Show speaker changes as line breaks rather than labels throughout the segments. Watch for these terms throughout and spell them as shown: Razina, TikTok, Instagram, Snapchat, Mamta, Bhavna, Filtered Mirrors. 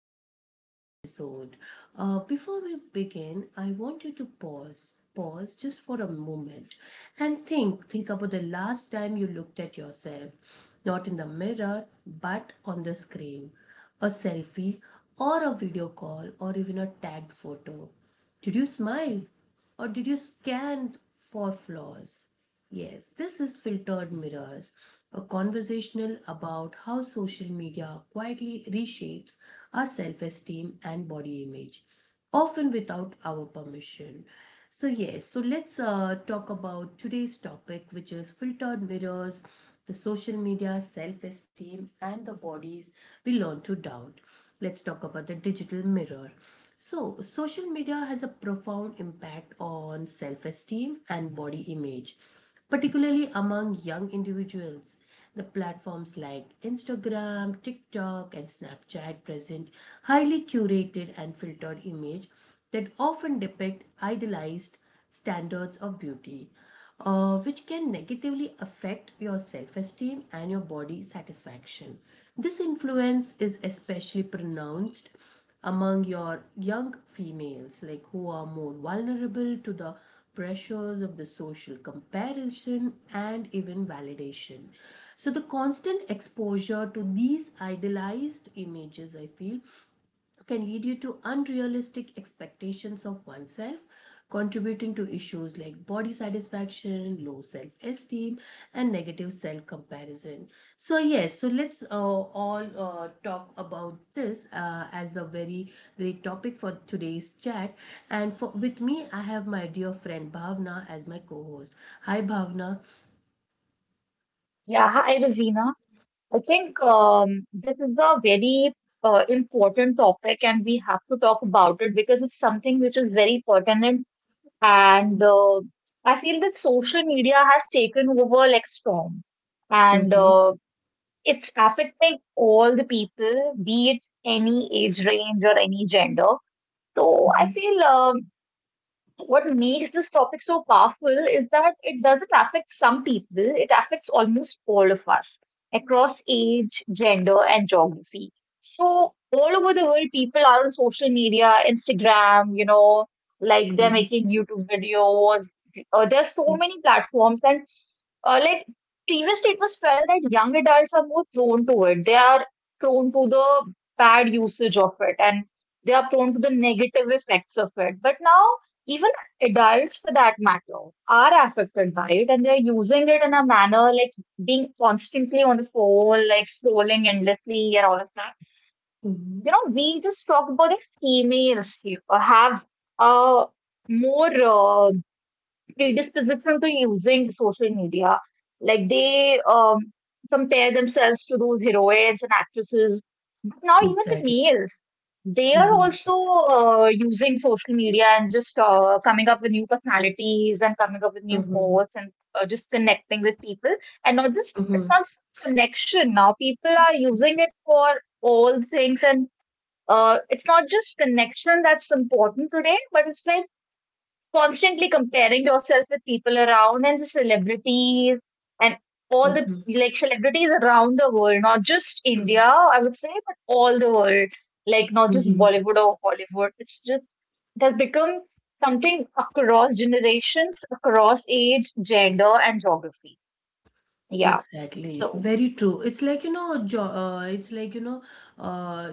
to today's episode. Before we begin, I want you to pause just for a moment and think about the last time you looked at yourself, not in the mirror, but on the screen. A selfie, or a video call, or even a tagged photo. Did you smile? Or did you scan for flaws? Yes, this is Filtered Mirrors, a conversational about how social media quietly reshapes our self esteem and body image, often without our permission. So let's talk about today's topic, which is filtered mirrors, the social media, self esteem, and the bodies we learn to doubt. Let's talk about the digital mirror. So, social media has a profound impact on self esteem and body image, particularly among young individuals. The platforms like Instagram, TikTok, and Snapchat present highly curated and filtered images that often depict idealized standards of beauty, which can negatively affect your self esteem and your body satisfaction. This influence is especially pronounced among your young females, like who are more vulnerable to the pressures of the social comparison and even validation. So the constant exposure to these idealized images, I feel, can lead you to unrealistic expectations of oneself, contributing to issues like body satisfaction, low self esteem, and negative self comparison. So let's all talk about this as a very great topic for today's chat. And for, with me, I have my dear friend Bhavna as my co host. Hi, Bhavna.
Yeah, hi Rosina. I think this is a very important topic, and we have to talk about it because it's something which is very pertinent. And I feel that social media has taken over like storm, and
Mm-hmm.
it's affecting all the people, be it any age range or any gender. So I
Mm-hmm.
feel what makes this topic so powerful is that it doesn't affect some people, it affects almost all of us across age, gender, and geography. So, all over the world, people are on social media, Instagram, like they're
Mm-hmm.
making YouTube videos. There's so many platforms, and like previously it was felt that young adults are more prone to it. They are prone to the bad usage of it, and they are prone to the negative effects of it. But now even adults for that matter are affected by it, and they're using it in a manner like being constantly on the phone, like scrolling endlessly and all of that.
Mm-hmm.
You know, we just talked about the females here, have a more uh, predisposition to using social media. Like they compare themselves to those heroines and actresses. But now even the
Exactly.
males, they are
Mm-hmm.
also using social media and just coming up with new personalities and coming up with new
Mm-hmm.
posts and just connecting with people. And not just it's
Mm-hmm.
not just connection now. People are using it for all things and. It's not just connection that's important today, but it's like constantly comparing yourself with people around and the celebrities and all the
Mm-hmm.
like celebrities around the world, not just India, I would say, but all the world, like not
嗯
just
哼。
Bollywood or Hollywood. It's just it has become something across generations, across age, gender, and geography. Yeah.
Exactly.
So,
Very true. It's like, you know, jo it's like, you know, uh,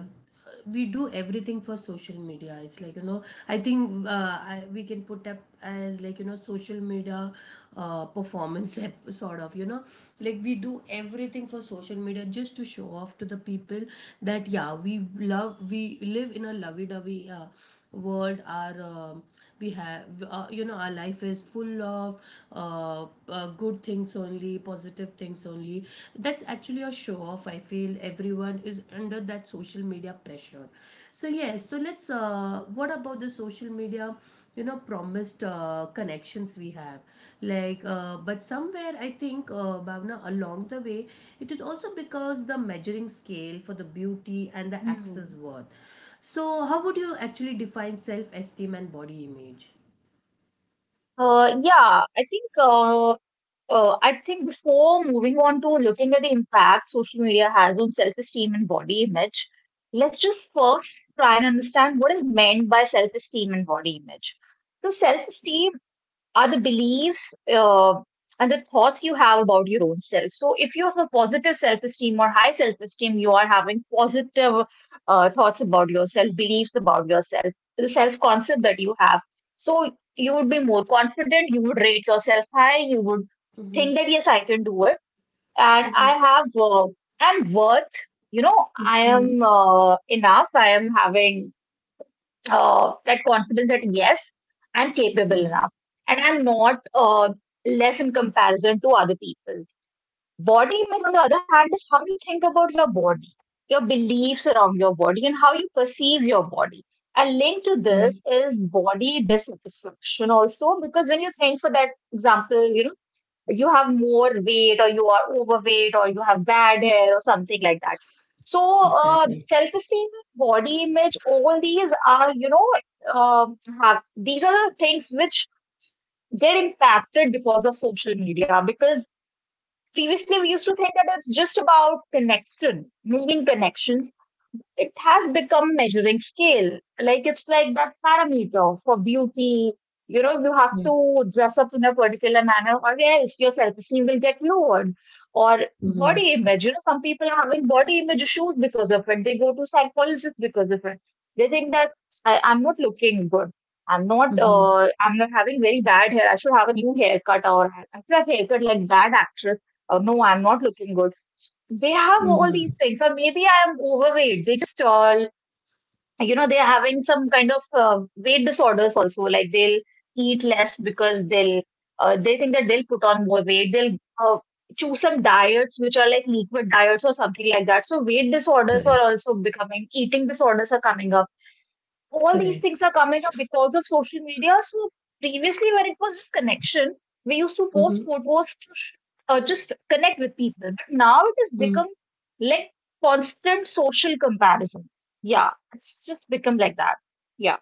we do everything for social media. It's like, you know, I think we can put up as, like, you know, social media performance app, sort of, you know, like we do everything for social media just to show off to the people that, yeah, we live in a lovey-dovey world. We have, you know, our life is full of good things only, positive things only. That's actually a show off, I feel. Everyone is under that social media pressure. So yes so let's uh, what about the social media, you know, promised connections we have, like, but somewhere I think, Bhavna, along the way, it is also because the measuring scale for the beauty and the access
hmm.
worth. So how would you actually define self esteem and body image?
uh, yeah, I think uh, I think before moving on to looking at the impact social media has on self-esteem and body image, let's just first try and understand what is meant by self-esteem and body image. So, self-esteem are the beliefs and the thoughts you have about your own self. So, if you have a positive self esteem or high self esteem, you are having positive thoughts about yourself, beliefs about yourself, the self concept that you have. So, you would be more confident, you would rate yourself high, you would
Mm-hmm.
think that, yes, I can do it. And
Mm-hmm.
I have, I'm worth, you know, I am enough, I am having that confidence that yes, I'm capable
Mm-hmm.
enough and I'm not less in comparison to other people. Body image, on the other hand, is how you think about your body, your beliefs around your body, and how you perceive your body. And linked to
Mm-hmm.
this is body dissatisfaction also, because when you think, for that example, you know, you have more weight or you are overweight or you have bad hair or something like that. So,
Exactly.
self-esteem, body image, all these are, you know, uh, have these are the things which get impacted because of social media. Because previously we used to think that it's just about connection, making connections, it has become measuring scale. Like it's like that parameter for beauty. You know, you have to dress up in a particular manner or else your self-esteem will get lowered. Or
Mm-hmm.
body image. You know, some people are having body image issues because of it. They go to psychologists because of it. They think that I'm not looking good. I'm not
Mhm.
uh, I'm not having very bad hair. I should have a new haircut or I should have a haircut like that actress. Oh, no, I'm not looking good. They have all these
Mhm.
things, or maybe I am overweight. They just all, you know, they're having some kind of weight disorders also, like they'll eat less because they'll they think that they'll put on more weight. They'll uh, choose some diets which are like liquid diets or something like that. So weight disorders are
Correct,
also becoming, eating disorders are coming up, all these
correct.
things are coming up because of social media. So previously, when it was just connection, we used to post
Mhm.
photos to just connect with people. But now it has
Mm.
become like constant social comparison. Yeah, it's just become like that. Yeah.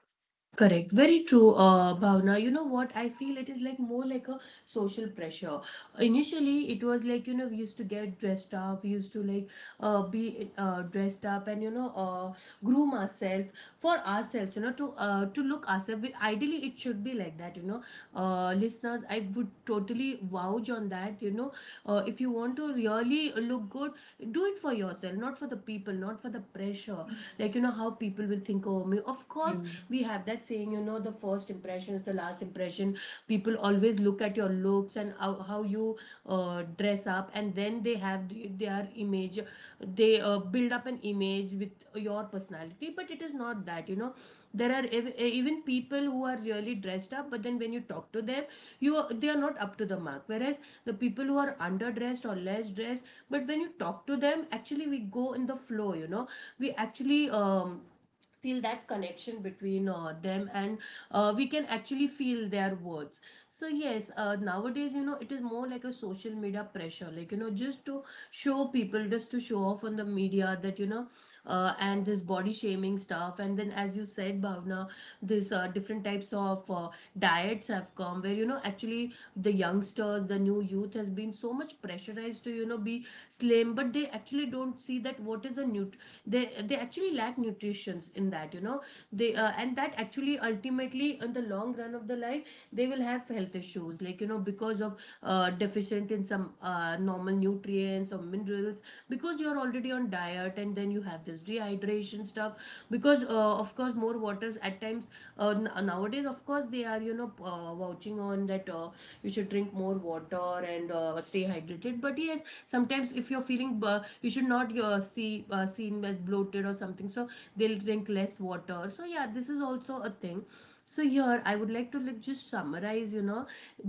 Correct. Very true, Bhavna. You know what? I feel it is like more like a social pressure. Initially, it was like, you know, we used to get dressed up, we used to like be dressed up, and, you know, groom ourselves for ourselves, you know, to look ourselves. We- ideally, it should be like that, you know. Listeners, I would totally vouch on that, you know. If you want to really look good, do it for yourself, not for the people, not for the pressure,
Mm.
like, you know, how people will think of me. Of course
Mm.
we have that saying, you know, the first impression is the last impression. People always look at your looks and how you dress up, and then they have their image. They build up an image with your personality. But it is not that, you know, there are even people who are really dressed up, but then when you talk to them, they are not up to the mark, whereas the people who are underdressed or less dressed, but when you talk to them, actually we go in the flow, you know. We actually feel that connection between them, and we can actually feel their words. So yes, nowadays, you know, it is more like a social media pressure, like, you know, just to show people, just to show off on the media that, you know, and this body shaming stuff. And then, as you said, Bhavna, this different types of diets have come, where, you know, actually the youngsters, the new youth has been so much pressurized to, you know, be slim, but they actually don't see that what is the nut they they actually lack nutritions in that, you know. They and that actually ultimately in the long run of the life, they will have health issues, like, you know, because of deficient in some normal nutrients or minerals, because you're already on diet. And then you have this dehydration stuff, because of course more waters at times. Nowadays, of course, they are, you know, vouching on that you should drink more water and stay hydrated. But yes, sometimes if you're you should not seen as bloated or something, so they'll drink less water. So yeah, this is also a thing. So here I would like to, like, just summarize, you know,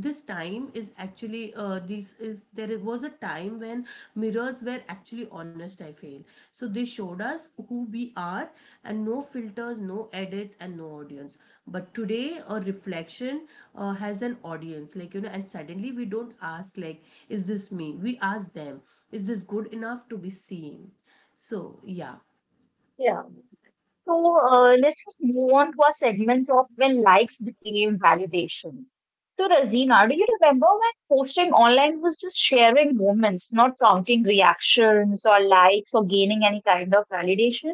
this time is actually this is there was a time when mirrors were actually honest, I feel. So they showed us who we are, and no filters, no edits, and no audience. But today, a reflection has an audience, like, you know, and suddenly we don't ask, like, is this me? We ask them, is this good enough to be seen? So, yeah.
Yeah. So let's just move on to our segment of when likes became validation. So Razina, do you remember when posting online was just sharing moments, not counting reactions or likes or gaining any kind of validation?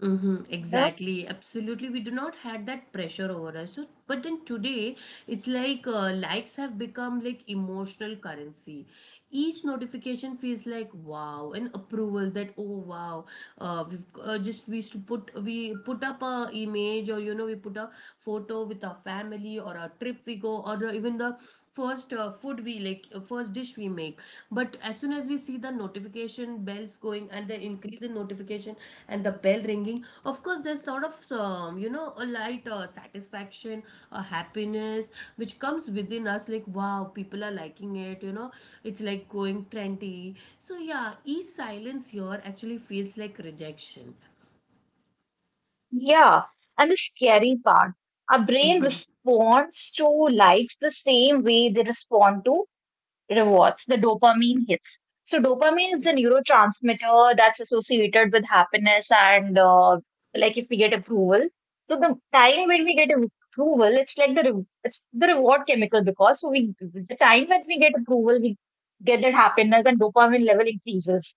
Mm-hmm,
Yeah.
exactly, absolutely. We do not had that pressure over us. So, but then today, it's like likes have become like emotional currency. Each notification feels like, wow, an approval. That, oh wow, we've just we used to put we put up a image, or you know, we put a photo with our family or a trip we go, or even the first food we like first dish we make. But as soon as we see the notification bells going and the increase in notification and the bell ringing, of course there's sort of, you know, a light satisfaction, a happiness which comes within us, like, wow, people are liking it, you know. It's like going trendy. So yeah, each silence here actually feels like rejection.
Yeah. And the scary part, our brain responds to likes the same way they respond to rewards, the dopamine hits. So, dopamine is a neurotransmitter that's associated with happiness and like if we get approval. So, the time when we get approval, it's like the it's the reward chemical because we, the time that we get approval, we get that happiness and dopamine level increases.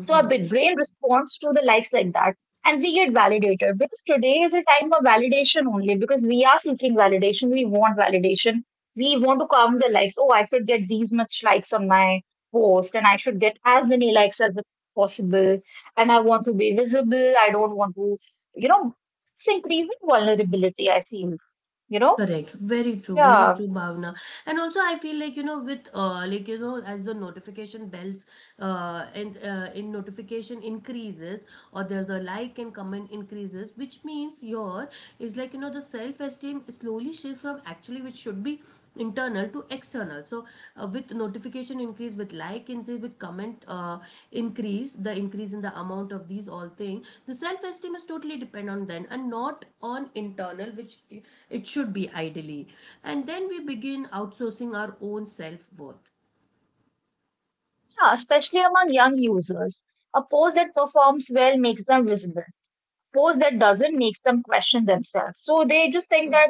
So our brain responds to the likes like that. And we get validated because today is a time of validation only because we are seeking validation. We want validation. We want to count the likes. Oh, I should get these much likes on my post and I should get as many likes as possible. And I want to be visible. I don't want to, you know, it's increasing vulnerability, I feel, you know?
Correct. Very true. Very
Yeah.
true, Bhavna. And also, I feel, like, you know, with like, you know, as the notification bells and in notification increases, or there's the like and comment increases, which means your is, like, you know, the self esteem slowly shifts from actually, which should be internal, to external. So with notification increase, with like increase, with comment increase, the increase in the amount of these all thing, the self esteem is totally depend on then and not on internal, which it should be ideally. And then we begin outsourcing our own self worth.
Yeah, especially among young users. A post that performs well makes them visible. Post that doesn't makes them question themselves. So they just think that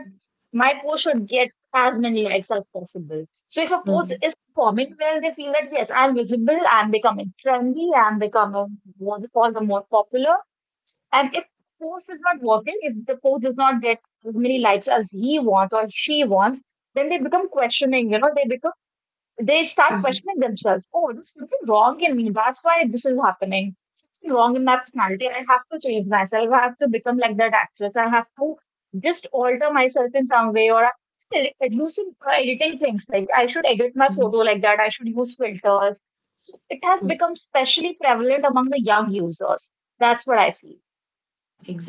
my post should get as many likes as possible. So if a post
Mhm.
is performing well, they feel that yes, I'm visible, I'm becoming trendy, I'm becoming what we call the more popular. And if post is not working, if the post does not get as many likes as he wants or she wants, then they become questioning, you know, they become they start
Mhm.
questioning themselves. Oh, there's something wrong in me. That's why this is happening. Something wrong in my personality. I have to change myself. I have to become like that actress. I have to just alter myself in some way, or I'm reducing editing things. Like I should edit my
Mhm.
photo like that. I should use filters. So it has
Mhm.
become specially prevalent among the young users. That's what I feel.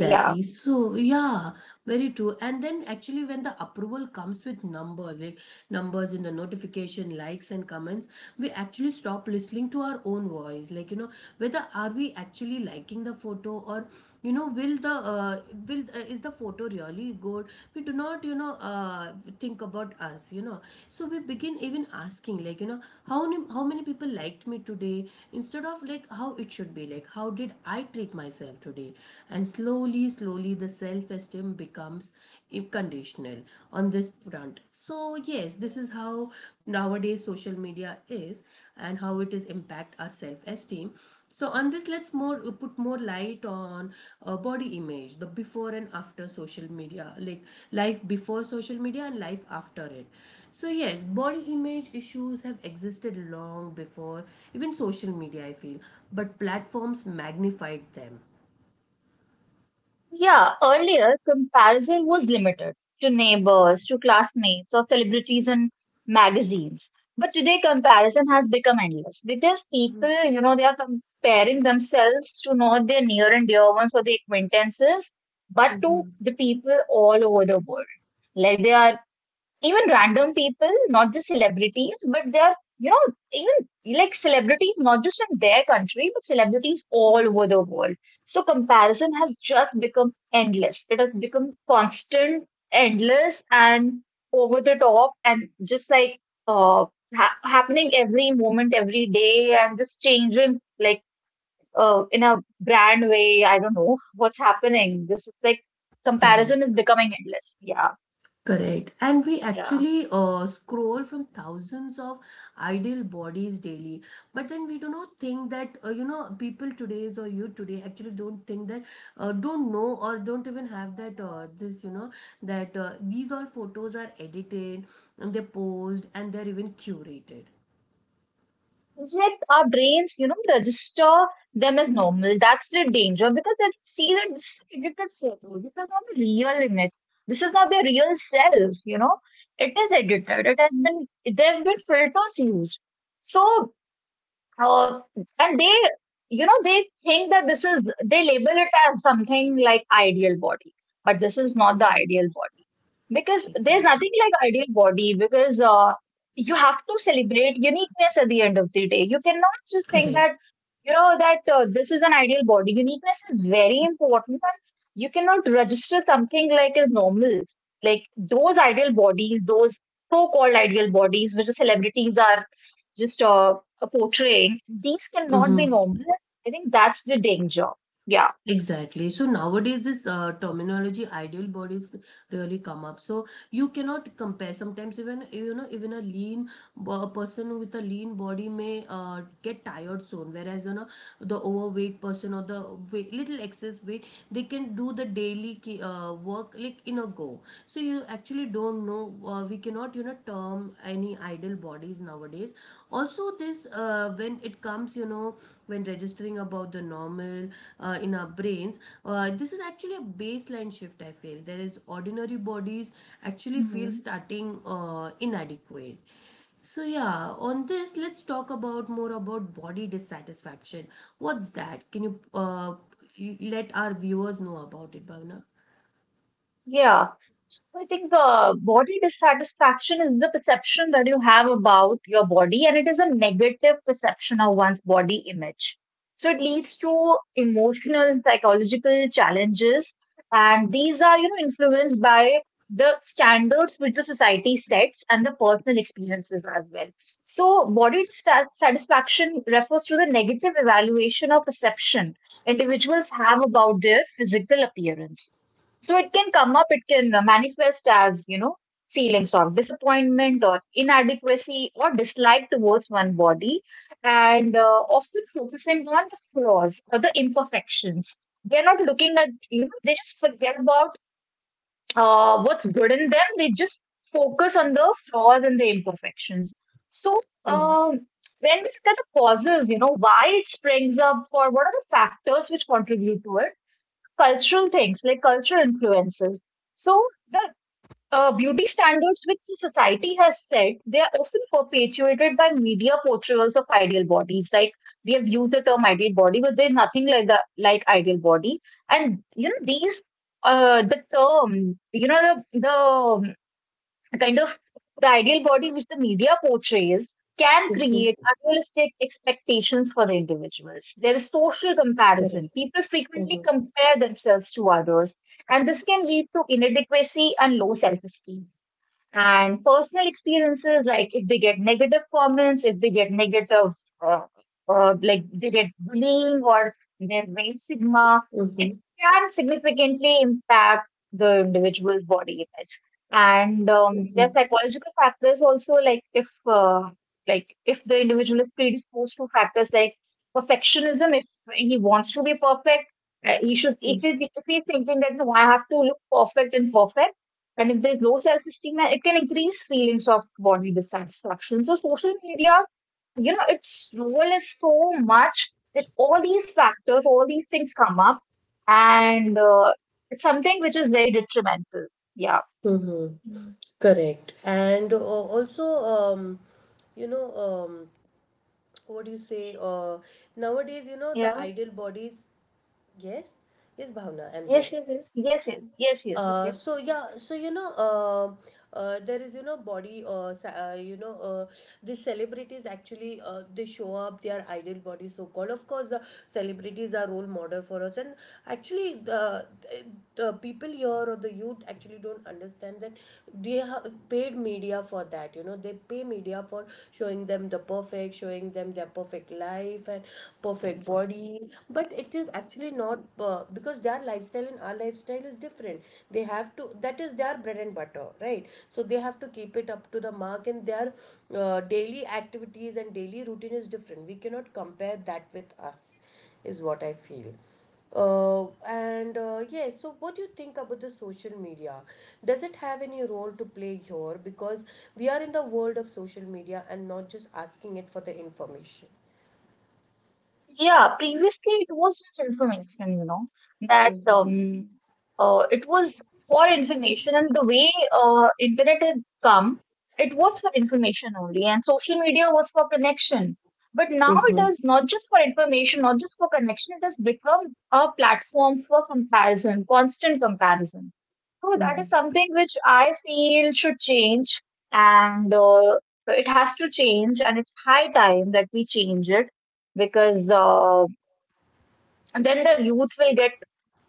Yeah.
So, yeah, very true. And then actually when the approval comes with numbers, like numbers in the notification, likes and comments, we actually stop listening to our own voice. Like, you know, whether are we actually liking the photo? Or, you know, will the, is the photo really good? We do not, you know, think about us, you know. So we begin even asking, like, you know, how many people liked me today, instead of, like, how it should be, like, how did I treat myself today? And slowly slowly the self esteem becomes conditional on this front. So yes, this is how nowadays social media is, and how it is impact our self esteem. So on this, let's more put more light on body image, the before and after social media, like life before social media and life after it. So yes, body image issues have existed long before even social media, I feel, but platforms magnified them.
Yeah, earlier comparison was limited to neighbors, to classmates, or celebrities and magazines. But today comparison has become endless because people, you know, they are comparing themselves to not their near and dear ones or their acquaintances, but to
Mm-hmm.
the people all over the world. Like they are even random people, not just celebrities, but they are, you know, even like celebrities, not just in their country, but celebrities all
Mm-hmm.
over the world. So comparison has just become endless. It has become constant, endless, and over the top, and just like uh, happening every moment, every day, and just changing like in a brand way. I don't know what's happening. This is like
Correct,
comparison is becoming endless. Yeah,
correct. And we
yeah.
actually scroll from thousands of ideal bodies daily. But then we do not think that, you know, people today's or you today actually don't think that, don't know or don't even have that, this, you know, that these all photos are edited, and they're posed, and they're even curated.
Yet our brains, you know, register them as normal. That's the danger because they see that this is a edited photo. This is not the real image. This is not their real self, you know. It is edited. It has been, there have been filters used. So uh, and they, you know, they think that this is, they label it as something like ideal body, but this is not the
Mm-hmm.
ideal body because there's
Exactly.
nothing like ideal body because you have to celebrate uniqueness at the end of the day. You cannot just think
Correct.
that, you know, that this is an ideal body. Uniqueness is very important. And you cannot register something like as normal. Like those ideal bodies, those so-called ideal bodies, which the celebrities are just portraying, these cannot be
Mm-hmm.
normal. I think that's the danger. Yeah.
Exactly. So nowadays, this terminology ideal bodies really come up. So you cannot compare. Sometimes even you know even a lean a person with a lean body may get tired soon, whereas the overweight person or the weight, little excess weight, they can do the daily work like in a go. So you actually don't know, we cannot term any idle bodies nowadays. Also this, when it comes, when registering about the normal, in our brains, this is actually a baseline shift, I feel. There is ordinary bodies actually feel
Mhm.
starting inadequate. So yeah, on this, let's talk about more about body dissatisfaction. What's that? Can you let our viewers know about it, Bhavna?
Yeah. So, I think body dissatisfaction is the perception that you have about your body, and it is a negative perception of one's body image. So it leads to emotional and psychological challenges, and these are, you know, influenced by the standards which the society sets and the personal experiences as well. So body dissatisfaction refers to the negative evaluation or perception individuals have about their physical appearance. So it can come up, it can manifest as, you know, feelings of disappointment or inadequacy or dislike towards one body, and often focusing on the flaws or the imperfections. They're not looking at, you know, they just forget about what's good in them. They just focus on the flaws and the imperfections. So when we look at the causes, you know, why it springs up or what are the factors which contribute to it, cultural things like cultural influences. So the beauty standards which the society has set, they are often perpetuated by media portrayals of ideal bodies. Like we have used the term ideal body, but there's nothing like the ideal body. And you know these the term, you know the kind of the ideal body which the media portrays can create
Mm-hmm.
unrealistic expectations for the individuals. There is social comparison.
Correct.
People frequently
Mm-hmm.
compare themselves to others, and this can lead to inadequacy and low self esteem, and personal experiences like if they get negative comments, if they get negative uh, like they get bullying or their rape sigma, it
Mm-hmm.
can significantly impact the individual's body image. And there
Mm-hmm.
are psychological factors also, like if the individual is predisposed to factors like perfectionism, if he wants to be perfect, he should if,
Mm-hmm.
he, if he's thinking that no, I have to look perfect and perfect, and if there's low self-esteem, it can increase feelings of body dissatisfaction. So social media, you know, its role is so much that all these factors, all these things come up, and it's something which is very detrimental. Yeah.
Mm-hmm.
Mm.
Correct. And also, you know, um, what do you say? Nowadays, you know, the
Yeah.
ideal bodies. Yes, yes, Bhavna, I'm
Yes.
there.
Yes. Yes. Yes. Yes. Yes. Yes.
Uh,
Okay.
so yeah, so there is, you know, these celebrities actually they show up their ideal body, so called. Of course, the celebrities are role model for us, and actually the the people here or the youth actually don't understand that they have paid media for that. You know, they pay media for showing them the perfect, showing them their perfect life and perfect body, but it is actually not, because their lifestyle and our lifestyle is different. They have to, that is their bread and butter, right? So they have to keep it up to the mark, and their daily activities and daily routine is different. We cannot compare that with us, is what I feel. And yes, so what do you think about the social media? Does it have any role to play here? Because we are in the world of social media and not just asking it for the information.
Yeah, previously it was just information, you know, that it was for information, and the way internet had come, it was for information only, and social media was for connection. But now it
Mm-hmm.
is not just for information, not just for connection, it has become a platform for comparison, constant comparison. So that is something which I feel should change, and it has to change, and it's high time that we change it, because then the youth will get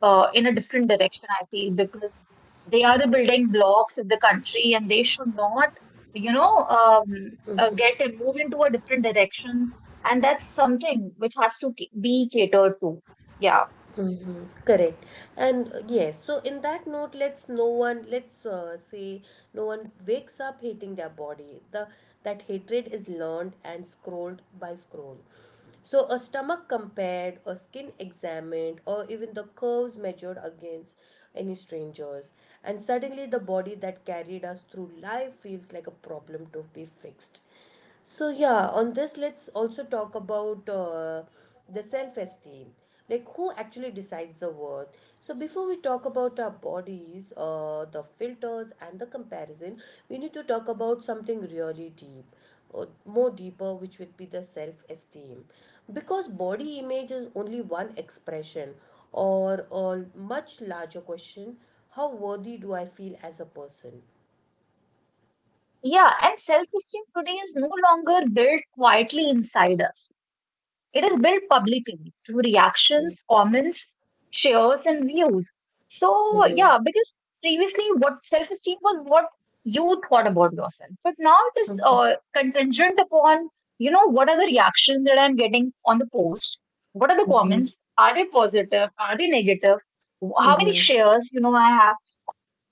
in a different direction, I feel, because they are the building blocks of the country, and they should not, get a move into a different direction. And that's something which has to be catered to. Yeah.
Mm-hmm. Correct. And yes, so in that note, let's say no one wakes up hating their body. The That hatred is learned and scrolled by scroll. So a stomach compared, a skin examined, or even the curves measured against any strangers. And suddenly the body that carried us through life feels like a problem to be fixed. So, yeah, on this, let's also talk about the self esteem, like who actually decides the worth. So before we talk about our bodies, the filters and the comparison, we need to talk about something really deep, more deeper, which would be the self esteem, because body image is only one expression or a much larger question: how worthy do I feel as a person?
Yeah. And self esteem today is no longer built quietly inside us. It is built publicly through reactions, comments, shares, and views. So,
Mm-hmm.
yeah, because previously what self esteem was what you thought about yourself, but now it is contingent upon, you know, what are the reactions that I'm getting on the post? What are the comments? Are they positive? Are they negative? How many
Mm-hmm.
shares, you know, I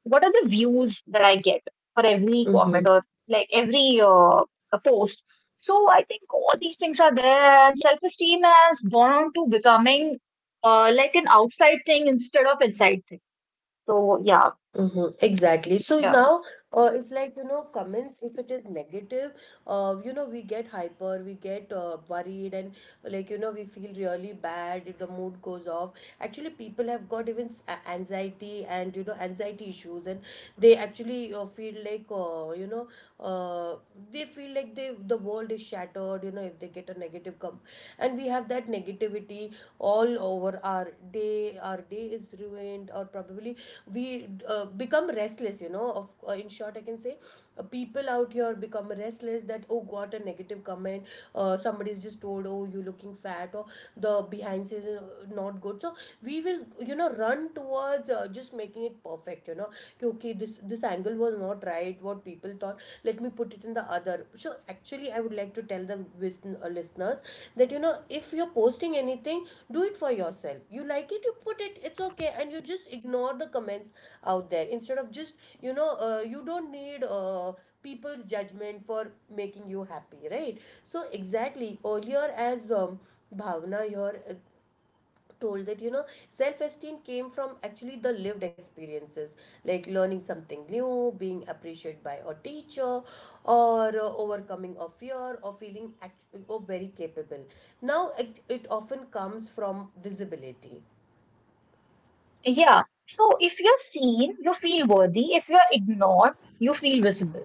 what are the views that I get for every
Mm-hmm.
comment or like every post. So I think all these things are there, and self esteem has gone on to becoming like an outside thing instead of inside thing. So yeah,
Mm-hmm, exactly. So
yeah,
now, it's like, you know, comments, if it is negative, you know, we get hyper, we get worried, and, like, you know, we feel really bad, if the mood goes off. Actually, people have got even anxiety and, you know, anxiety issues, and they actually feel like, uh, they feel like the world is shattered, you know, if they get a negative come. And we have that negativity all over our day is ruined, or probably we become restless, you know, of in short I can say people out here become restless that, oh, got a negative comment, somebody's just told, oh, you looking fat, or the behind scenes is not good. So we will, you know, run towards just making it perfect, you know, कि, okay, this angle was not right, what people thought, let me put it in the other. So actually I would like to tell the listeners that, you know, if you're posting anything, do it for yourself. You like it, you put it, it's okay, and you just ignore the comments out there. Instead of just, you know, you don't need people's judgment for making you happy, right? So exactly earlier, as Bhavna here told, that, you know, self-esteem came from actually the lived experiences, like learning something new, being appreciated by a teacher, or overcoming a fear, or feeling act- or very capable. Now it often comes from visibility.
yeah. So if you're seen, you feel worthy. If you're ignored, you feel visible.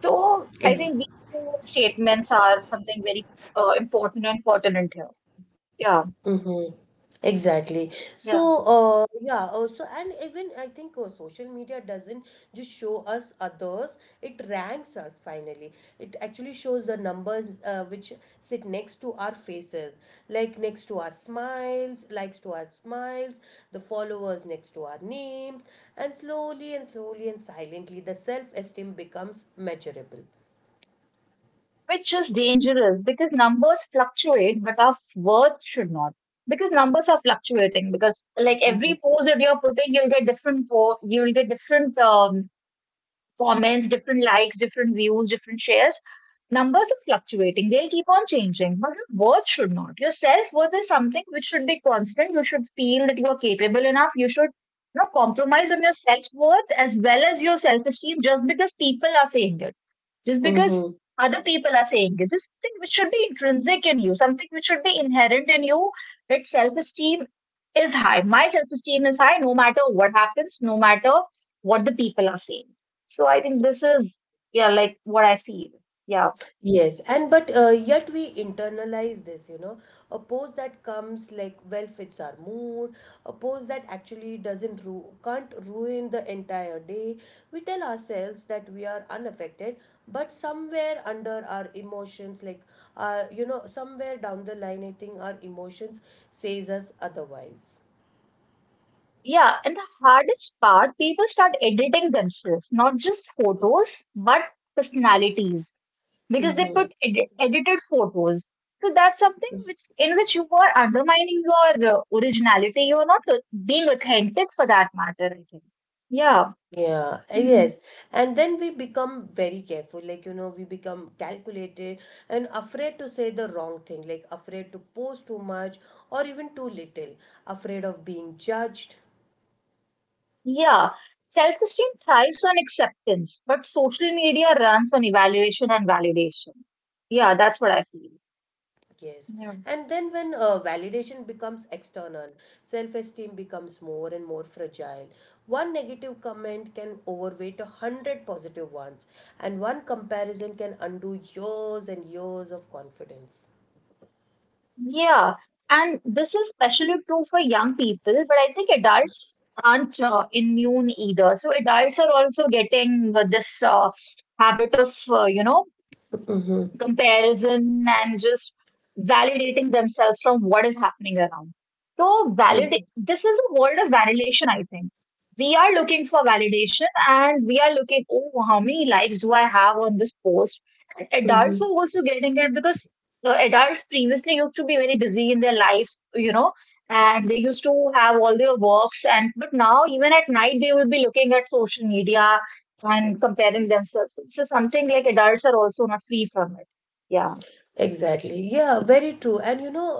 So I think
Ex-
these two statements are something very important and pertinent here. Yeah,
Mm-hmm. Exactly. So,
yeah.
yeah, also, and even I think social media doesn't just show us others, it ranks us finally. It actually shows the numbers, which sit next to our faces, like next to our smiles, likes to our smiles, the followers next to our names, and slowly and slowly and silently, the self-esteem becomes measurable.
Which is dangerous because numbers fluctuate, but our words should not. Because numbers are fluctuating. Because like every post that you're putting, you'll get you'll get different comments, different likes, different views, different shares. Numbers are fluctuating, they'll keep on changing, but your worth should not. Your self worth is something which should be constant. You should feel that you are capable enough. You should not compromise on your self worth as well as your self esteem just because people are saying it, just because
Mm-hmm.
other people are saying it. This is something which should be intrinsic in you, something which should be inherent in you, that self esteem is high. My self esteem is high no matter what happens, no matter what the people are saying. So I think this is, yeah, like what I feel. Yeah.
Yes, and but yet we internalize this, you know, a pose that comes like well fits our mood, a pose that actually doesn't ru- can't ruin the entire day. We tell ourselves that we are unaffected, but somewhere under our emotions, like, somewhere down the line, I think our emotions says us otherwise.
Yeah, and the hardest part, people start editing themselves, not just photos, but personalities, because they put edited photos. So that's something which in which you are undermining your originality. You are not being authentic for that matter, I think. Yeah.
Yeah,
Hmm.
yes. And then we become very careful. Like, you know, we become calculated and afraid to say the wrong thing, like afraid to post too much or even too little, afraid of being judged.
Yeah. Self-esteem thrives on acceptance, but social media runs on evaluation and validation. Yeah, that's what I feel.
Yes.
Yeah.
And then when validation becomes external, self-esteem becomes more and more fragile. One negative comment can overweight 100 positive ones, and one comparison can undo years and years of confidence.
Yeah, and this is especially true for young people, but I think adults aren't immune either. So adults are also getting this habit of, you know,
Mhm.
comparison and just validating themselves from what is happening around. So validate this is a world of validation, I think. We are looking for validation and we are looking, oh, how many likes do I have on this post? And adults are
Mhm.
also getting it because adults previously used to be very busy in their lives, you know, and they used to have all their works, and but now even at night they will be looking at social media and comparing themselves. So something like adults are also not free from it. Yeah.
Exactly. Yeah, very true. And you know,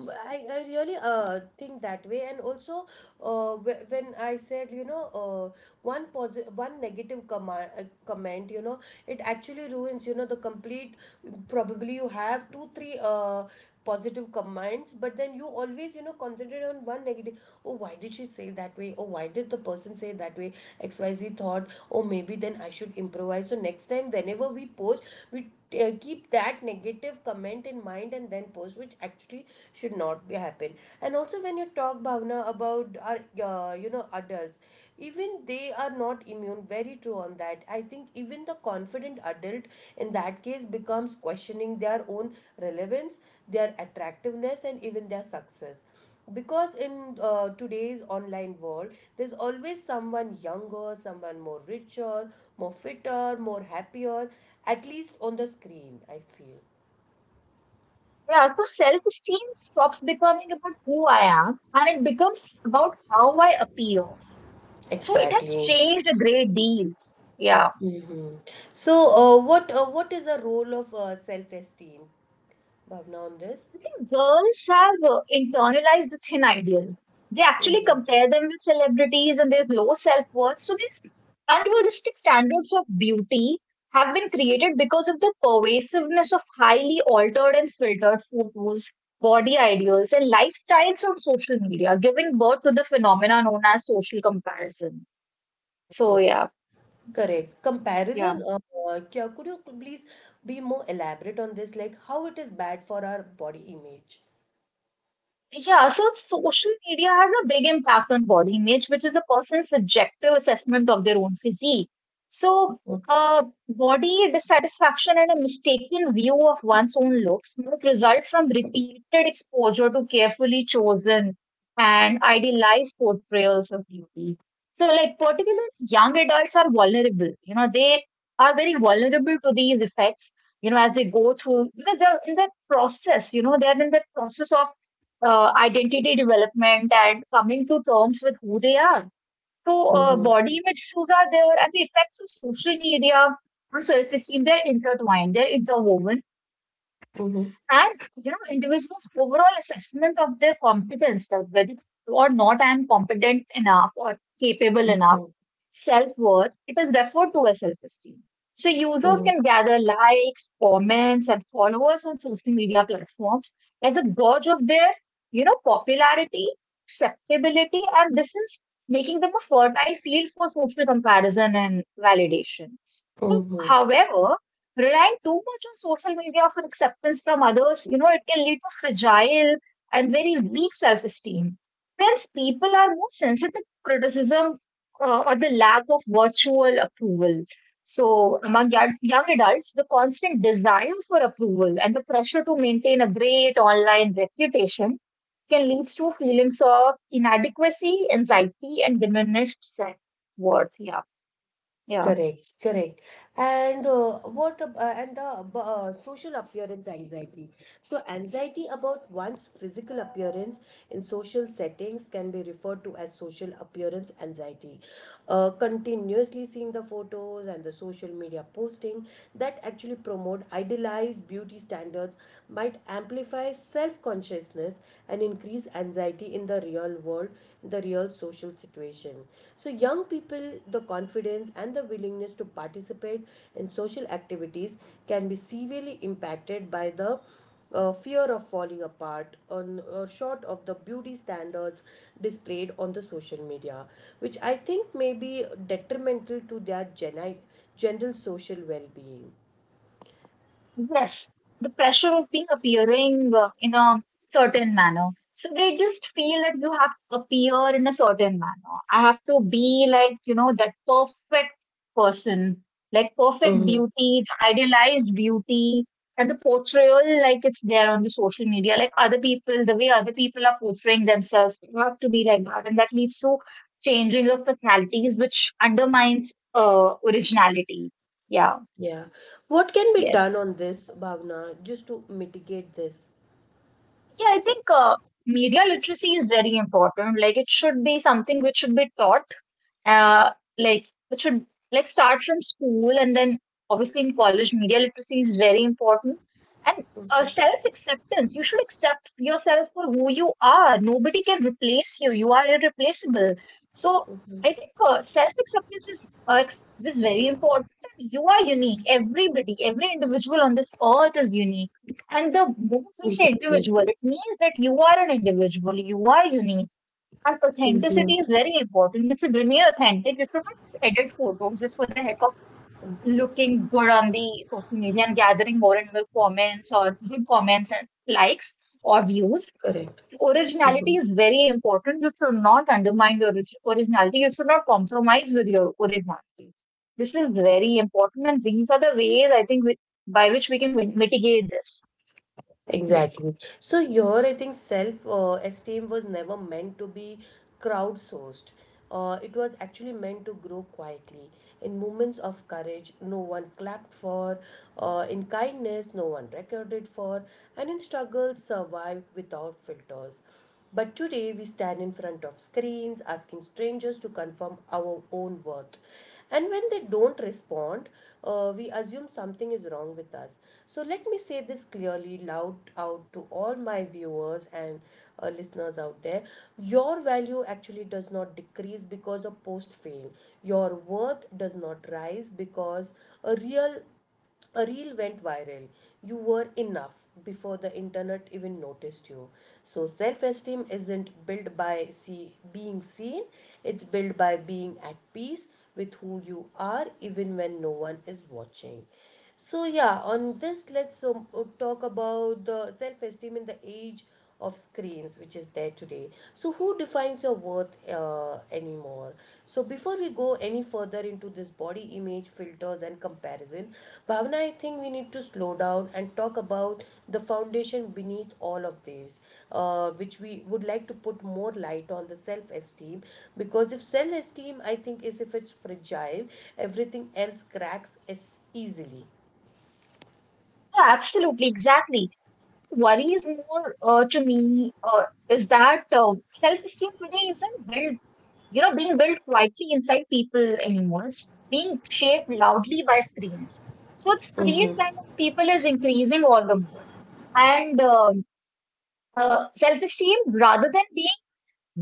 I really think that way. And also, when I said, you know, one positive, one negative comment, you know, it actually ruins, you know, the complete. Probably you have two, three positive comments, but then you always, you know, concentrate on one negative. Oh, why did she say that way? Oh, why did the person say that way? XYZ thought, oh, maybe then I should improvise. So next time, whenever we post, we keep that negative comment in mind and then post, which actually should not be happen. And also when you talk, Bhavna, about our adults, even they are not immune. Very true on that. I think even the confident adult, in that case, becomes questioning their own relevance, their attractiveness, and even their success, because in today's online world, there's always someone younger, someone more richer, more fitter, more happier, at least on the screen, I feel.
Yeah. So self esteem stops becoming about who I am, and it becomes about how I appear. So it has
Exactly.
changed a great deal. Yeah.
Hmm. So what is the role of self esteem, Bhavna, on this?
I think girls have internalized the thin ideal. They actually
Hmm.
compare them with celebrities and their low self worth. So, these unrealistic standards of beauty have been created because of the pervasiveness of highly altered and filtered photos, body ideals, and lifestyles on social media, giving birth to the phenomena known as social comparison. So, yeah,
Correct.
yeah.
Comparison, could you please be more elaborate on this, like how it is bad for our body image?
Yeah, so social media has a big impact on body image, which is a person's subjective assessment of their own physique. So, uh, body dissatisfaction and a mistaken view of one's own looks might result from repeated exposure to carefully chosen and idealized portrayals of beauty. So, like, particularly young adults are vulnerable. You know, they are very vulnerable to these effects, you know, as they go through, you know, they're in that process, you know, they're in that process of identity development and coming to terms with who they are. So,
Mm-hmm,
body image issues are there, and the effects of social media on self esteem, they're intertwined, they're interwoven.
mm-hmm,
And, you know, individuals' overall assessment of their competence, that whether or not I am competent enough or capable enough,
mm-hmm,
self worth, it is referred to as self esteem. So users
mm-hmm,
can gather likes, comments, and followers on social media platforms as a gauge of their, you know, popularity, acceptability, and this is making them a fertile field for social comparison and validation. So,
mm-hmm.
however, relying too much on social media for acceptance from others, you know, it can lead to fragile and very weak self esteem, whereas people are more sensitive to criticism or the lack of virtual approval. So, among young adults, the constant desire for approval and the pressure to maintain a great online reputation can lead to feelings of inadequacy, anxiety, and diminished self worth. Yeah, yeah.
Correct, correct. And what ab- and the ab- social appearance anxiety? So, anxiety about one's physical appearance in social settings can be referred to as social appearance anxiety. Continuously seeing the photos and the social media posting that actually promote idealized beauty standards might amplify self consciousness and increase anxiety in the real world, in the real social situation. So, young people, the confidence and the willingness to participate in social activities can be severely impacted by the fear of falling apart, on short of the beauty standards displayed on the social media, which I think may be detrimental to their general social well-being.
Yes, the pressure of being appearing in a certain manner. So they just feel that you have to appear in a certain manner. I have to be like, you know, that perfect person, like perfect
Hmm.
beauty, the idealized beauty, and the portrayal, like it's there on the social media, like other people, the way other people are portraying themselves, you have to be like that. And that leads to changing of personalities, which undermines originality. Yeah,
Yeah. What can be
yes.
done on this, Bhavna, just to mitigate this?
I think media literacy is very important. Like it should be something which should be taught, uh, like it should, let's start from school, and then obviously in college media literacy is very important. And self acceptance, you should accept yourself for who you are, nobody can replace you, you are irreplaceable. So I think self acceptance is very important. You are unique, everybody, every individual on this earth is unique, and the moment we say
Exactly.
individual it means that you are an individual, you are unique. And
Mhm.
authenticity is very important. If you remain authentic, if you don't edit photos just for the heck of looking good on the social media and gathering more and more comments or good comments and likes or views,
Correct.
originality
Mhm.
is very important. You should not undermine your originality. You should not compromise with your originality. This is very important, and these are the ways, I think, with, by which we can mitigate this. Yes,
Exactly. So your, I think, self esteem was never meant to be crowdsourced. It was actually meant to grow quietly. In moments of courage, no one clapped for. In kindness, no one recorded for. And in struggle, survived without filters. But today, we stand in front of screens asking strangers to confirm our own worth, and when they don't respond, we assume something is wrong with us. So let me say this clearly, loud out to all my viewers and listeners out there: your value actually does not decrease because a post failed. Your worth does not rise because a real a reel went viral. You were enough before the internet even noticed you. So, self esteem isn't built by being seen, it's built by being at peace with who you are, even when no one is watching. So yeah, on this, let's talk about the self-esteem in the age of screens, which is there today. So who defines your worth anymore? So before we go any further into this body image filters and comparison, Bhavna, I think we need to slow down and talk about the foundation beneath all of this, which we would like to put more light on the self-esteem, because if self-esteem, I think, is if it's fragile, everything else cracks as easily.
yeah, absolutely, exactly. Worries more to me is that self-esteem today isn't built, you know, being built quietly inside people anymore. It's being shaped loudly by screens. So screen time of people is increasing all the more. And self-esteem, rather than being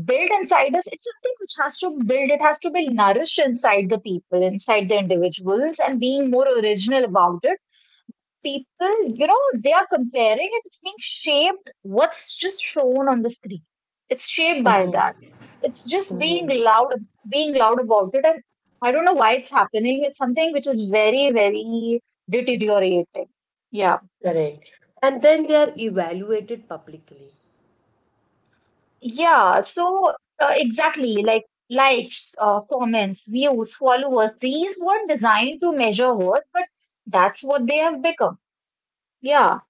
built inside us, it's something which has to build. It has to be nourished inside the people, inside the individuals, and being more original about it, people, you know, they are comparing and it's being shaped what's just shown on the screen. It's shaped by that. It's just being loud about it. And I don't know why it's happening. It's something which is very, very deteriorating. Yeah.
Correct. And then they are evaluated publicly.
Yeah. Exactly, like likes, comments, views, followers, these weren't designed to measure worth, but that's what they have become. Yeah.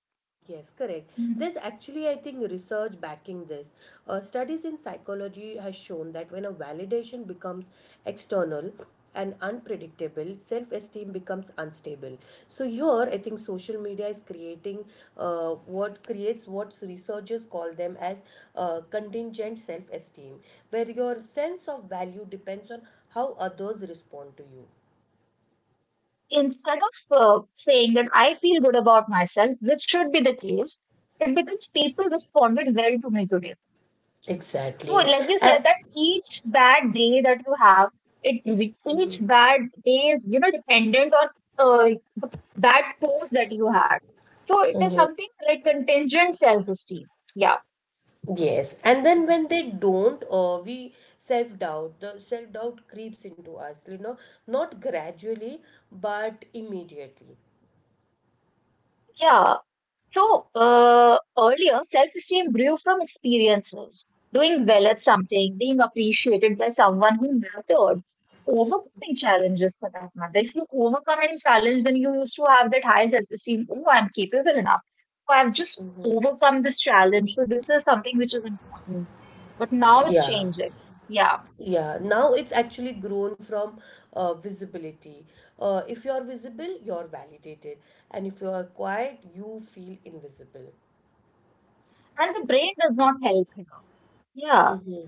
Yes, correct. There's actually, I think, research backing this. Studies in psychology has shown that when a validation becomes external and unpredictable, self-esteem becomes unstable. So here, I think social media is creating what researchers call them as contingent self-esteem, where your sense of value depends on how others respond to you.
Instead of saying that I feel good about myself, which should be the case, it becomes people responded well to me today. So,
Exactly.
like you said,
And.
that each bad day that you have, each bad day is, you know, dependent on uh, the bad post that you had. So it is
Mhm.
something like contingent self-esteem. Yeah,
Yes, and then when they don't, we self-doubt, the self-doubt creeps into us, you know, not gradually, but immediately.
yeah. So earlier, self-esteem grew from experiences, doing well at something, being appreciated by someone who mattered, overcoming challenges for that matter. If you overcome any challenge, then you used to have that high self-esteem. Oh, I'm capable enough. So I've just overcome this challenge. So this is something which is important. But now it's
Yeah,
changing. Yeah,
yeah. Now it's actually grown from visibility. If you're visible, you're validated, and if you are quiet, you feel invisible.
and the brain does not help here. Yeah.
Mhm.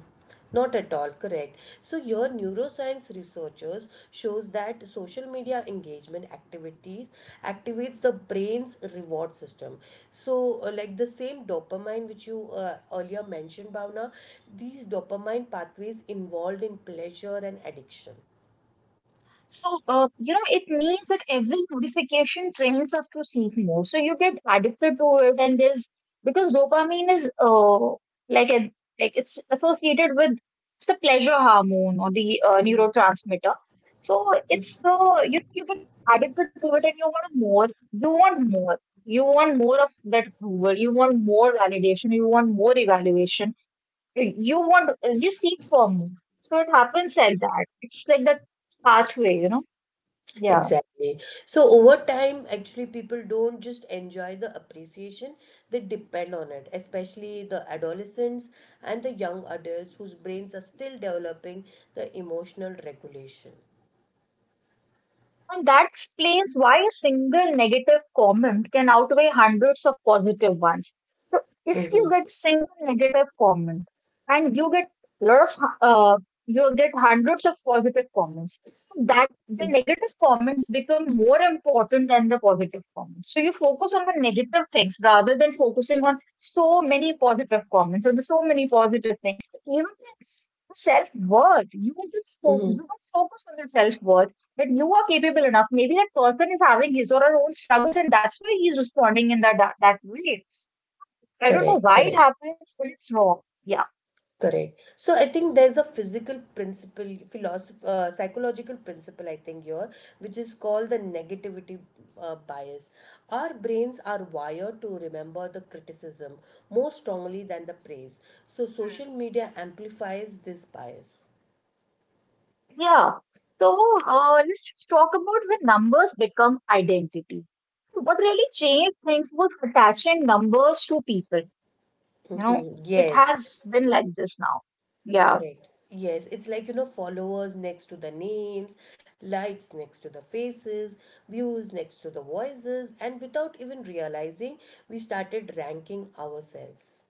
Not at all, correct. So your neuroscience researchers shows that social media engagement activities activates the brain's reward system. So like the same dopamine which you earlier mentioned, Bhavna, these dopamine pathways involved in pleasure and addiction.
You know, it means that every notification trains us to seek more. So you get addicted to it, and there's, because dopamine is like a, it's associated with, it's the pleasure hormone or the neurotransmitter. So it's the, you get addicted to it, and you want more. You want more. You want more of that approval. You want more validation. You want more evaluation. You seek for more. So it happens like that. It's like that pathway, you know. Yeah.
Exactly. So over time, actually, people don't just enjoy the appreciation, they depend on it, especially the adolescents and the young adults whose brains are still developing the emotional regulation.
And that explains why a single negative comment can outweigh hundreds of positive ones. So if
Mm-hmm.
you get single negative comment and you get lot of you get hundreds of positive comments, that the negative comments become more important than the positive comments. So you focus on the negative things rather than focusing on so many positive comments or the so many positive things. You self worth. You will just focus, you
Mm-hmm.
will focus on your self worth that you are capable enough. Maybe that person is having his or her own struggles, and that's why he's responding in that way. I don't know
Correct,
why
correct.
it happens, but it's wrong. Yeah,
Correct. So I think there's a physical principle, philosoph psychological principle, I think here, which is called the negativity bias. Our brains are wired to remember the criticism more strongly than the praise. So social media amplifies this bias.
yeah. So let's just talk about when numbers become identity. What really changed things was attaching numbers to people. You know, it
Yes,
has been like this now. Yeah.
correct. Yes, it's like, you know, followers next to the names, likes next to the faces, views next to the voices, and without even realizing, we started ranking ourselves.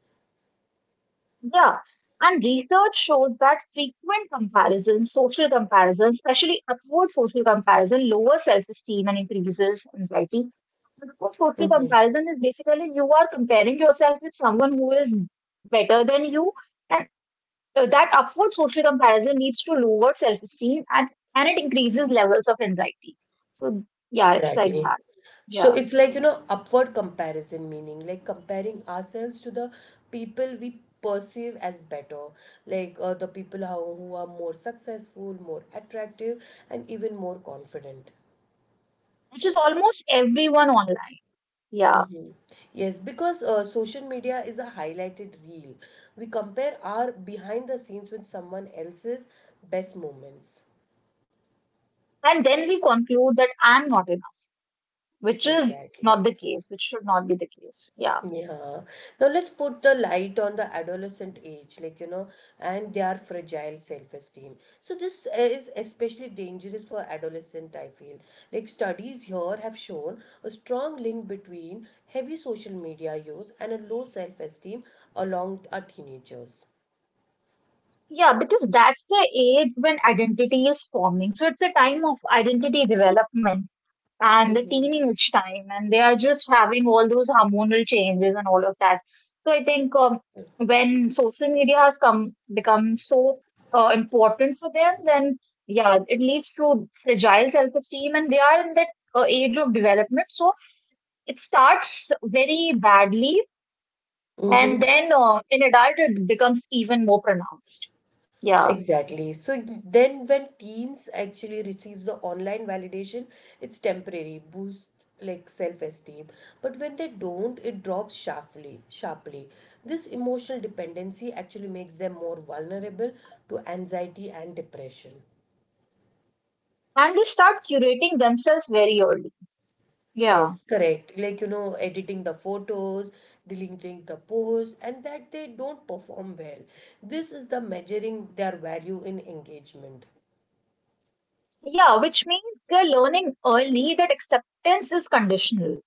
Yeah, and research shows that frequent comparison, social comparison, especially upward social comparison, lowers self-esteem and increases anxiety. Upward social comparison is basically you are comparing yourself with someone who is better than you, and that upward social comparison leads to lower self-esteem and it increases levels of anxiety. So yeah, it's like
Exactly.
that.
So
Yeah,
it's like, you know, upward comparison, meaning like comparing ourselves to the people we perceive as better, like the people how, who are more successful, more attractive, and even more confident.
which is almost everyone online. Yeah,
Mm-hmm. Yes, because social media is a highlighted reel. We compare our behind the scenes with someone else's best moments.
and then we conclude that I'm not enough, which is not
Exactly.
the case, which should not be the case. Yeah.
Yeah. Now let's put the light on the adolescent age, like, you know, and their fragile self-esteem. So this is especially dangerous for adolescent, I feel. Like studies here have shown a strong link between heavy social media use and a low self-esteem along our teenagers.
Yeah, because that's the age when identity is forming. So it's a time of identity development and the teenage time, and they are just having all those hormonal changes and all of that. So I think when social media has come become so important for them, then yeah, it leads to fragile self-esteem, and they are in that age of development. So it starts very badly. And then in adult, it becomes even more pronounced. Yeah.
Exactly. So then when teens actually receives the online validation, it's temporary, boost like self-esteem. But when they don't, it drops sharply. This emotional dependency actually makes them more vulnerable to anxiety and depression.
And they start curating themselves very early. Yeah.
Yes, correct. Like, you know, editing the photos, deleting the posts, and that they don't perform well. This is the measuring their value in engagement.
Yeah, which means they're learning early that acceptance is conditional.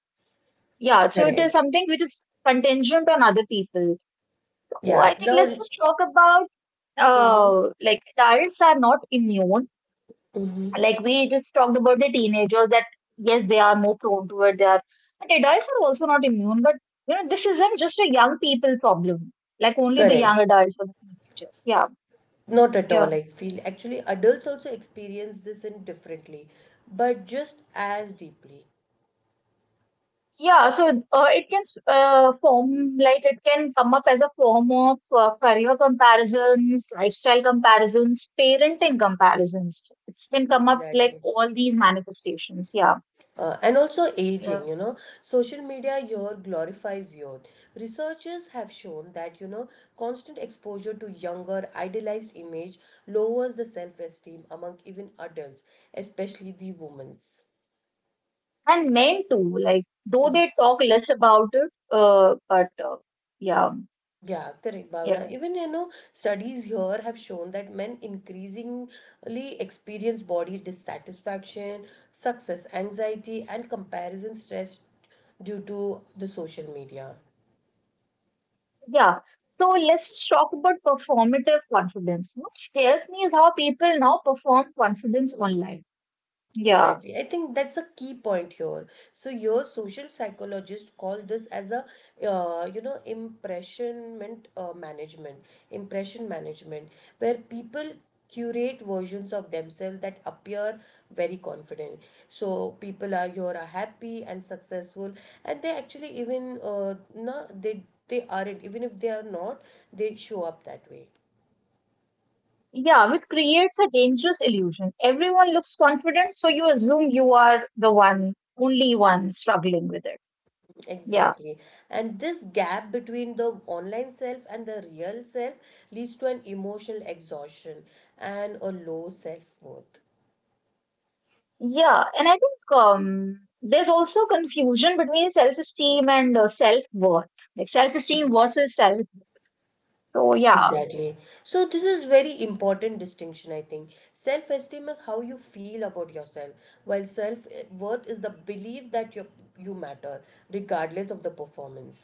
Yeah, so it is
Correct.
something which is contingent on other people. So
Yeah.
I think
Now,
let's just talk about
mm-hmm.
like adults are not immune, like we just talked about the teenagers, that yes they are more prone to it, they are, and adults are also not immune, but you know this isn't just a young people problem, like only the young
Correct.
adults or the teenagers. Yeah,
Not at
yeah,
all, I feel. Actually, adults also experience this in differently, but just as deeply.
yeah. So it can form, like it can come up as a form of career comparisons, lifestyle comparisons, parenting comparisons, it can come up like
Exactly.
all these manifestations. Yeah,
And also
yeah.
aging, you know, social media here glorifies youth. Researchers have shown that, you know, constant exposure to younger, idealized image lowers the self-esteem among even adults, especially the women's.
And men too, like though they talk less about it, but yeah,
Yeah, correct, Bhavna.
yeah,
Even you know, studies here have shown that men increasingly experience body dissatisfaction, success anxiety, and comparison stress due to the social media.
yeah. So let's just talk about performative confidence. What scares me is how people now perform confidence online. Yeah,
Exactly. I think that's a key point here. So your social psychologists call this as a you know impression management, where people curate versions of themselves that appear very confident. So people are here are happy and successful, and they actually even no they they aren't even if they are not they show up that way.
yeah, which creates a dangerous illusion. Everyone looks confident, so you assume you are the one, only one struggling with it. Yeah.
Exactly. And this gap between the online self and the real self leads to an emotional exhaustion and a low self-worth.
Yeah, and I think there's also confusion between self-esteem and self-worth, like self-esteem versus self. So yeah,
Exactly. So this is very important distinction I think. Self-esteem is how you feel about yourself, while self-worth is the belief that you matter regardless of the performance.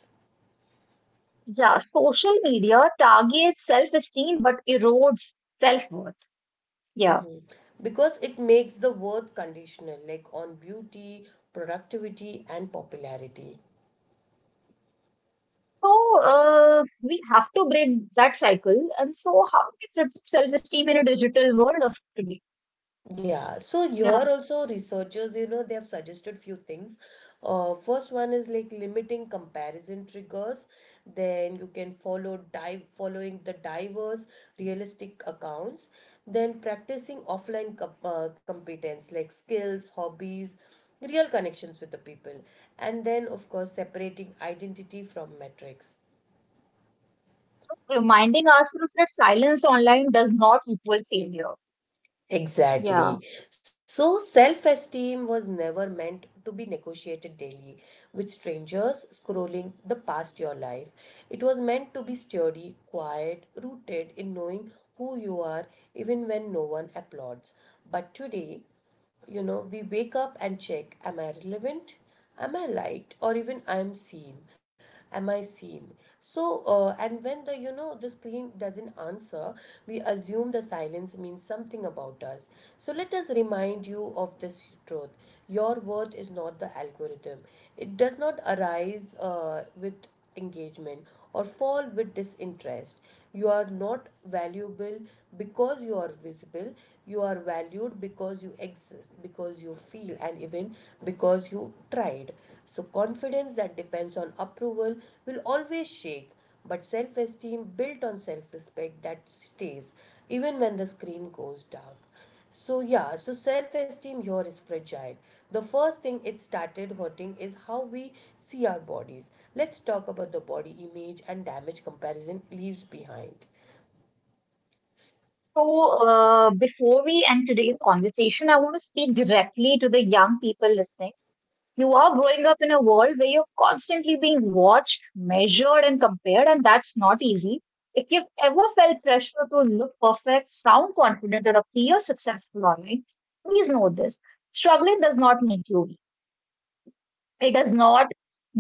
yeah, social media targets self-esteem but erodes self-worth. Yeah.
Hmm. Because it makes the worth conditional, like on beauty, productivity, and popularity.
So we have to break that cycle. And so how do we fix self-esteem in a digital world of today?
Yeah, so here
Yeah.
also researchers, you know, they have suggested few things. First one is like limiting comparison triggers. Then you can following the diverse realistic accounts. Then practicing offline competence like skills, hobbies, real connections with the people. And then of course separating identity from metrics.
Reminding ourselves that silence online does not equal failure. Yeah.
Exactly. So self esteem was never meant to be negotiated daily with strangers scrolling the past your life. It was meant to be sturdy, quiet, rooted in knowing who you are even when no one applauds. But today, you know, we wake up and check, am I relevant? Am I liked? Or even I'm seen? Am I seen? So, and when the, you know, the screen doesn't answer, we assume the silence means something about us. So, let us remind you of this truth. Your worth is not the algorithm, it does not arise with engagement or fall with disinterest. You are not valuable because you are visible, you are valued because you exist, because you feel, and even because you tried. So, confidence that depends on approval will always shake, but self esteem built on self respect that stays even when the screen goes dark. So yeah, so self-esteem here is fragile. The first thing it started hurting is how we see our bodies. Let's talk about the body image and damage comparison leaves behind.
So, before we end today's conversation, I want to speak directly to the young people listening. You are growing up in a world where you're constantly being watched, measured, and compared, and that's not easy. If you've ever felt pressure to look perfect, sound confident, or appear successful online, please know this. Struggling does not make you It does not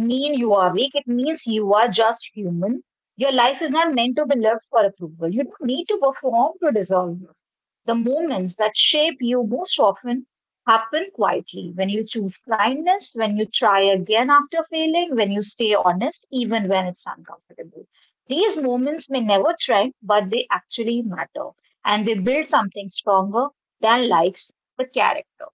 mean you are weak. It means you are just human. Your life is not meant to be lived for approval. You don't need to perform to deserve it. The moments that shape you most often happen quietly, when you choose kindness, when you try again after failing, when you stay honest, even when it's uncomfortable. These moments may never trend, but they actually matter and they build something stronger than likes, the character.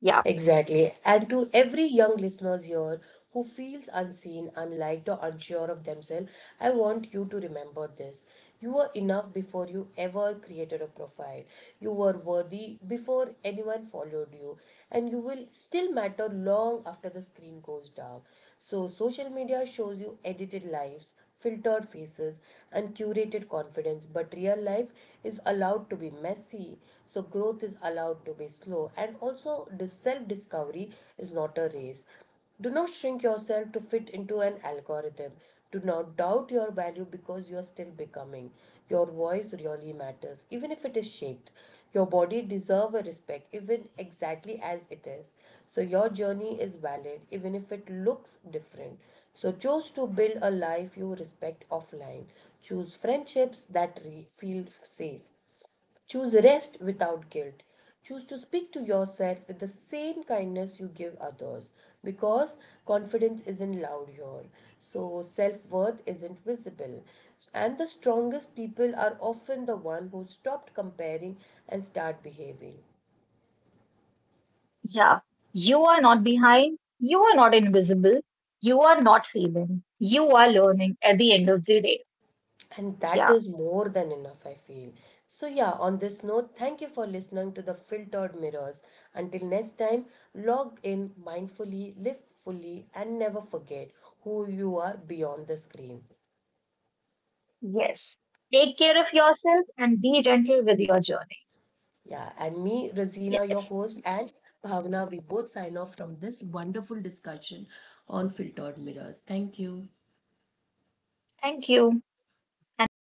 Yeah.
Exactly. And to every young listeners here who feels unseen, unliked, or unsure of themselves, I want you to remember this. You were enough before you ever created a profile. You were worthy before anyone followed you. And you will still matter long after the screen goes down. So, social media shows you edited lives, filtered faces, and curated confidence. But real life is allowed to be messy, so growth is allowed to be slow. And also, this self discovery is not a race. Do not shrink yourself to fit into an algorithm. Do not doubt your value because you are still becoming. Your voice really matters, even if it is shaked. Your body deserve a respect, even exactly as it is. So your journey is valid, even if it looks different. So choose to build a life you respect offline. Choose friendships that feel safe. Choose rest without guilt. Choose to speak to yourself with the same kindness you give others because confidence isn't loud here. So, self worth isn't visible. And the strongest people are often the one who stopped comparing and start behaving.
Yeah, you are not behind. You are not invisible. You are not failing. You are learning at the end of the day.
And that
Yeah,
is more than enough, I feel. So, yeah, on this note, thank you for listening to the Filtered Mirrors. Until next time, log in mindfully, live fully, and never forget who you are beyond the screen.
yes. Take care of yourself and be gentle with your journey.
Yeah, and me, Razina, your
Yes.
host, and Bhavna, we both sign off from this wonderful discussion on Filtered Mirrors. Thank you.
Thank you and bye.